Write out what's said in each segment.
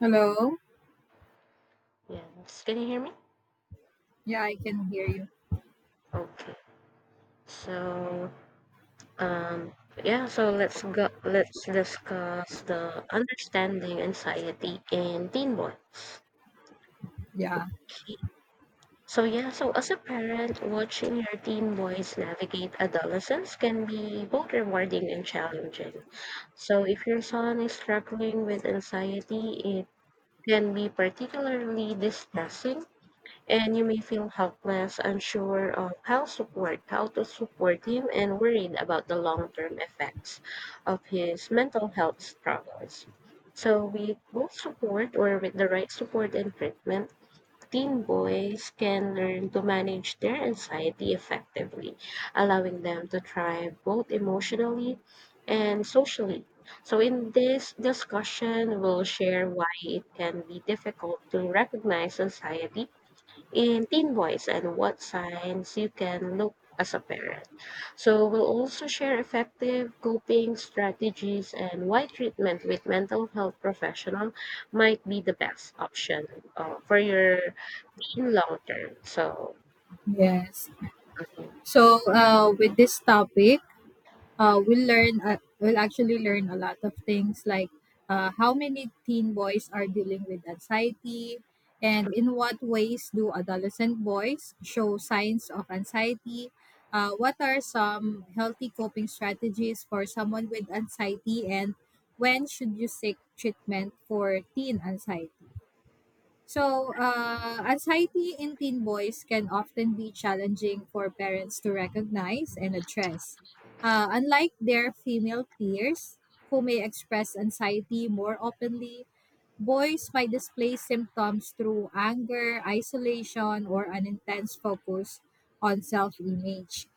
Hello. Yes. Can you hear me? Yeah, I can hear you. Okay. So, um, yeah, so let's discuss the understanding anxiety in teen boys. Yeah. So yeah, so as a parent, watching your teen boys navigate adolescence can be both rewarding and challenging. So if your son is struggling with anxiety, it can be particularly distressing and you may feel helpless, unsure of how to support him, and worried about the long-term effects of his mental health struggles. So, with the right support and treatment, teen boys can learn to manage their anxiety effectively, allowing them to thrive both emotionally and socially. So, in this discussion, we'll share why it can be difficult to recognize anxiety in teen boys and what signs you can look as a parent. So we'll also share effective coping strategies and why treatment with mental health professional might be the best option for your teen long term. So. Yes. Mhm. With this topic, we'll learn. We'll actually learn a lot of things like how many teen boys are dealing with anxiety, and in what ways do adolescent boys show signs of anxiety? What are some healthy coping strategies for someone with anxiety, and when should you seek treatment for teen anxiety? Anxiety in teen boys can often be challenging for parents to recognize and address. Unlike their female peers, who may express anxiety more openly, boys might display symptoms through anger, isolation, or an intense focus on self image.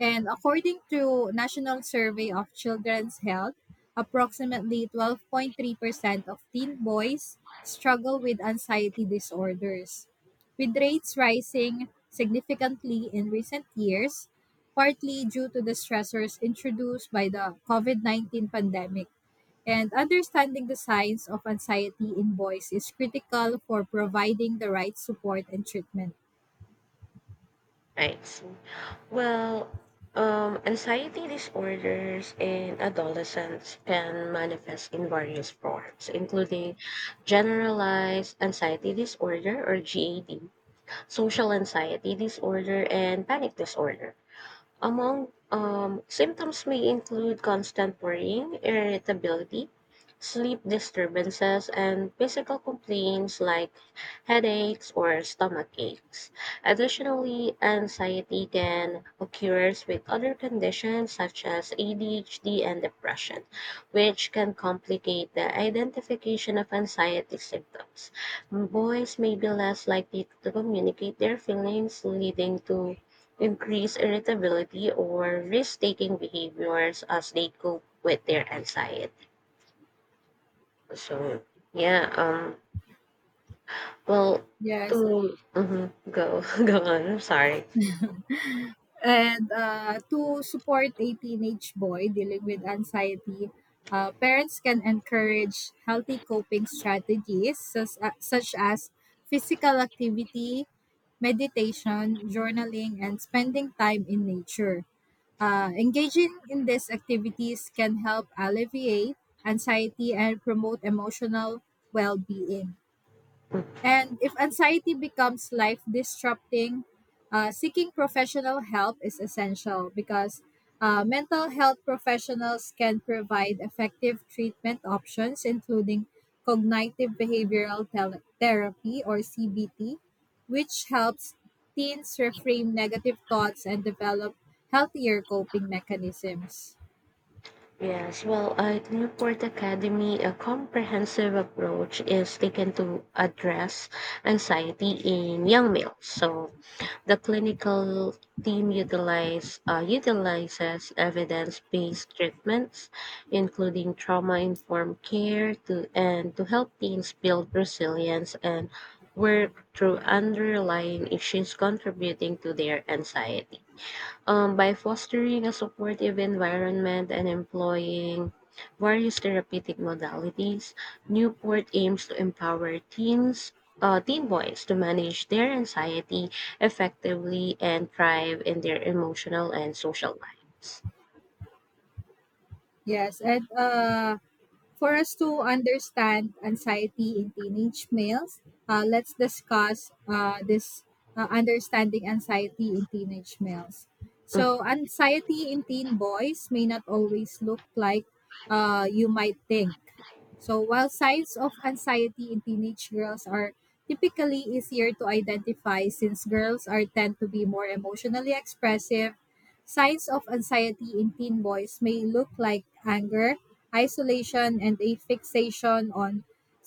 And according to National Survey of Children's Health, approximately 12.3% of teen boys struggle with anxiety disorders, with rates rising significantly in recent years, partly due to the stressors introduced by the COVID 19 pandemic. And understanding the signs of anxiety in boys is critical for providing the right support and treatment. I see. Well, anxiety disorders in adolescents can manifest in various forms, including generalized anxiety disorder or GAD, social anxiety disorder, and panic disorder. Among symptoms may include constant worrying, irritability, sleep disturbances, and physical complaints like headaches or stomach aches. Additionally, anxiety can occur with other conditions such as ADHD and depression, which can complicate the identification of anxiety symptoms. Boys may be less likely to communicate their feelings, leading to increased irritability or risk taking behaviors as they cope with their anxiety. So yeah, well, Yes, to mhm, go go on, I'm sorry. and to support a teenage boy dealing with anxiety, parents can encourage healthy coping strategies such as physical activity, meditation, journaling, and spending time in nature. Engaging in these activities can help alleviate anxiety and promote emotional well being. And if anxiety becomes life disrupting, seeking professional help is essential because mental health professionals can provide effective treatment options, including cognitive behavioral therapy or CBT, which helps teens reframe negative thoughts and develop healthier coping mechanisms. Yes, well, at Newport Academy, a comprehensive approach is taken to address anxiety in young males. So, the clinical team utilizes evidence based treatments, including trauma informed care, and to help teams build resilience and work through underlying issues contributing to their anxiety. By fostering a supportive environment and employing various therapeutic modalities, Newport aims to empower teen boys to manage their anxiety effectively and thrive in their emotional and social lives. Yes, and For us to understand anxiety in teenage males, let's discuss this understanding anxiety in teenage males. Mm-hmm. So, anxiety in teen boys may not always look like you might think. So, while signs of anxiety in teenage girls are typically easier to identify since girls are tend to be more emotionally expressive, signs of anxiety in teen boys may look like anger, isolation and a fixation on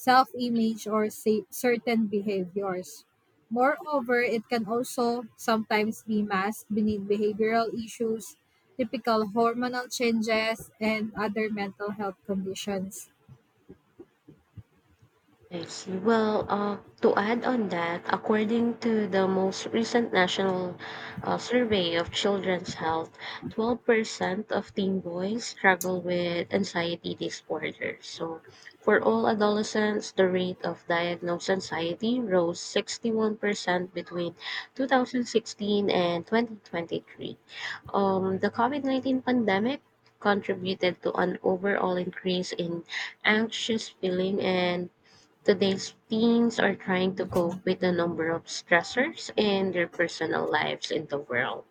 self image or certain behaviors. Moreover, it can also sometimes be masked beneath behavioral issues, typical hormonal changes, and other mental health conditions. I see. Well, to add on that, according to the most recent national survey of children's health, 12% of teen boys struggle with anxiety disorder. So, for all adolescents, the rate of diagnosed anxiety rose 61% between 2016 and 2023. The COVID 19 pandemic contributed to an overall increase in anxious feeling and today's teens are trying to cope with a number of stressors in their personal lives in the world.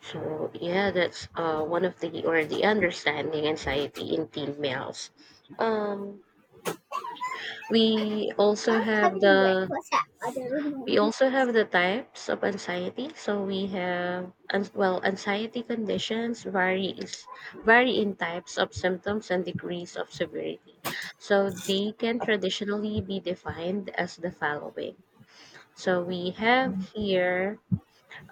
So yeah, that's one of the or the understanding anxiety in teen males. Um, we also I'm have having the breakfast at other we room. also have the types of anxiety. So we have well, anxiety conditions varies vary in types of symptoms and degrees of severity. So they can traditionally be defined as the following. So we have here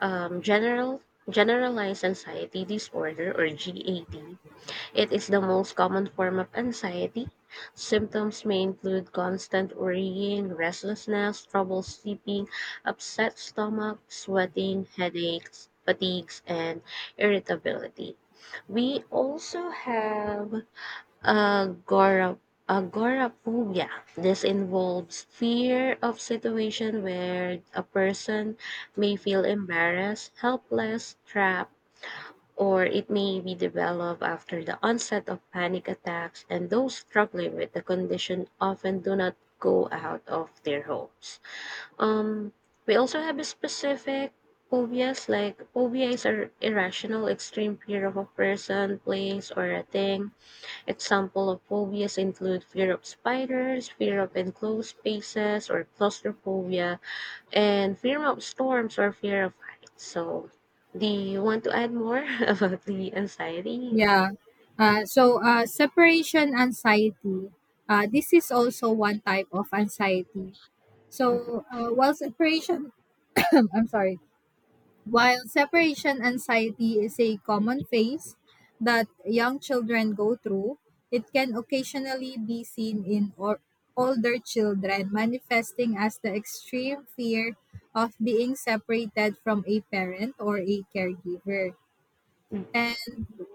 um, general generalized anxiety disorder or GAD. It is the most common form of anxiety. Symptoms may include constant worrying, restlessness, trouble sleeping, upset stomach, sweating, headaches, fatigues, and irritability. We also have Agora, agoraphobia. This involves fear of situation where a person may feel embarrassed, helpless, trapped, or it may be developed after the onset of panic attacks, and those struggling with the condition often do not go out of their homes. Um, we also have a specific phobias like phobia is a irrational extreme fear of a person, place, or a thing. Example of phobias include fear of spiders, fear of enclosed spaces or claustrophobia, and fear of storms or fear of heights. So, do you want to add more about the anxiety? Yeah. Separation anxiety. This is also one type of anxiety. While separation, I'm sorry. While separation anxiety is a common phase that young children go through, it can occasionally be seen in or older children, manifesting as the extreme fear of being separated from a parent or a caregiver. Mm. And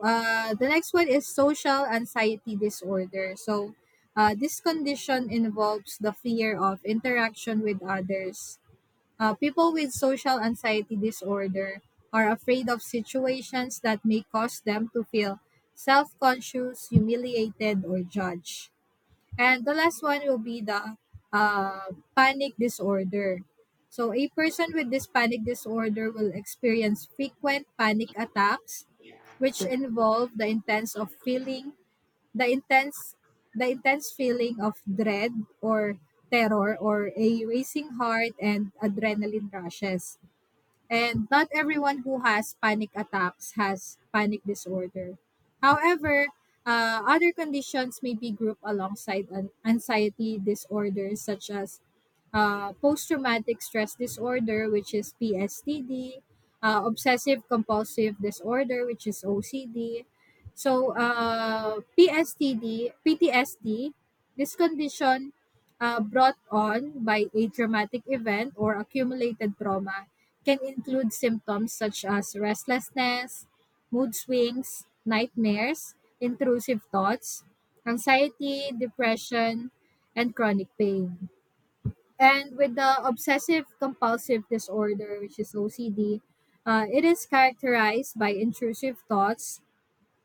The next one is social anxiety disorder. This condition involves the fear of interaction with others people with social anxiety disorder are afraid of situations that may cause them to feel self conscious, humiliated, or judged. And the last one will be the panic disorder. So, a person with this panic disorder will experience frequent panic attacks, which involve the intense of feeling the intense the intense feeling of dread or terror or a racing heart and adrenaline rushes. And not everyone who has panic attacks has panic disorder. However, other conditions may be grouped alongside an anxiety disorders such as post traumatic stress disorder, which is PSTD, obsessive compulsive disorder, which is OCD. PSTD, PTSD, this condition brought on by a traumatic event or accumulated trauma can include symptoms such as restlessness, mood swings, nightmares, intrusive thoughts, anxiety, depression, and chronic pain. And with the obsessive compulsive disorder, which is OCD, it is characterized by intrusive thoughts,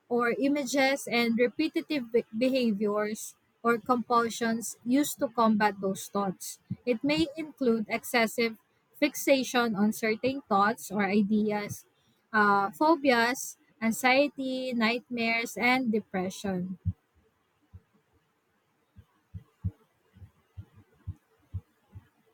or images and repetitive behaviors or compulsions used to combat those thoughts. It may include excessive fixation on certain thoughts or ideas, phobias, anxiety, nightmares, and depression.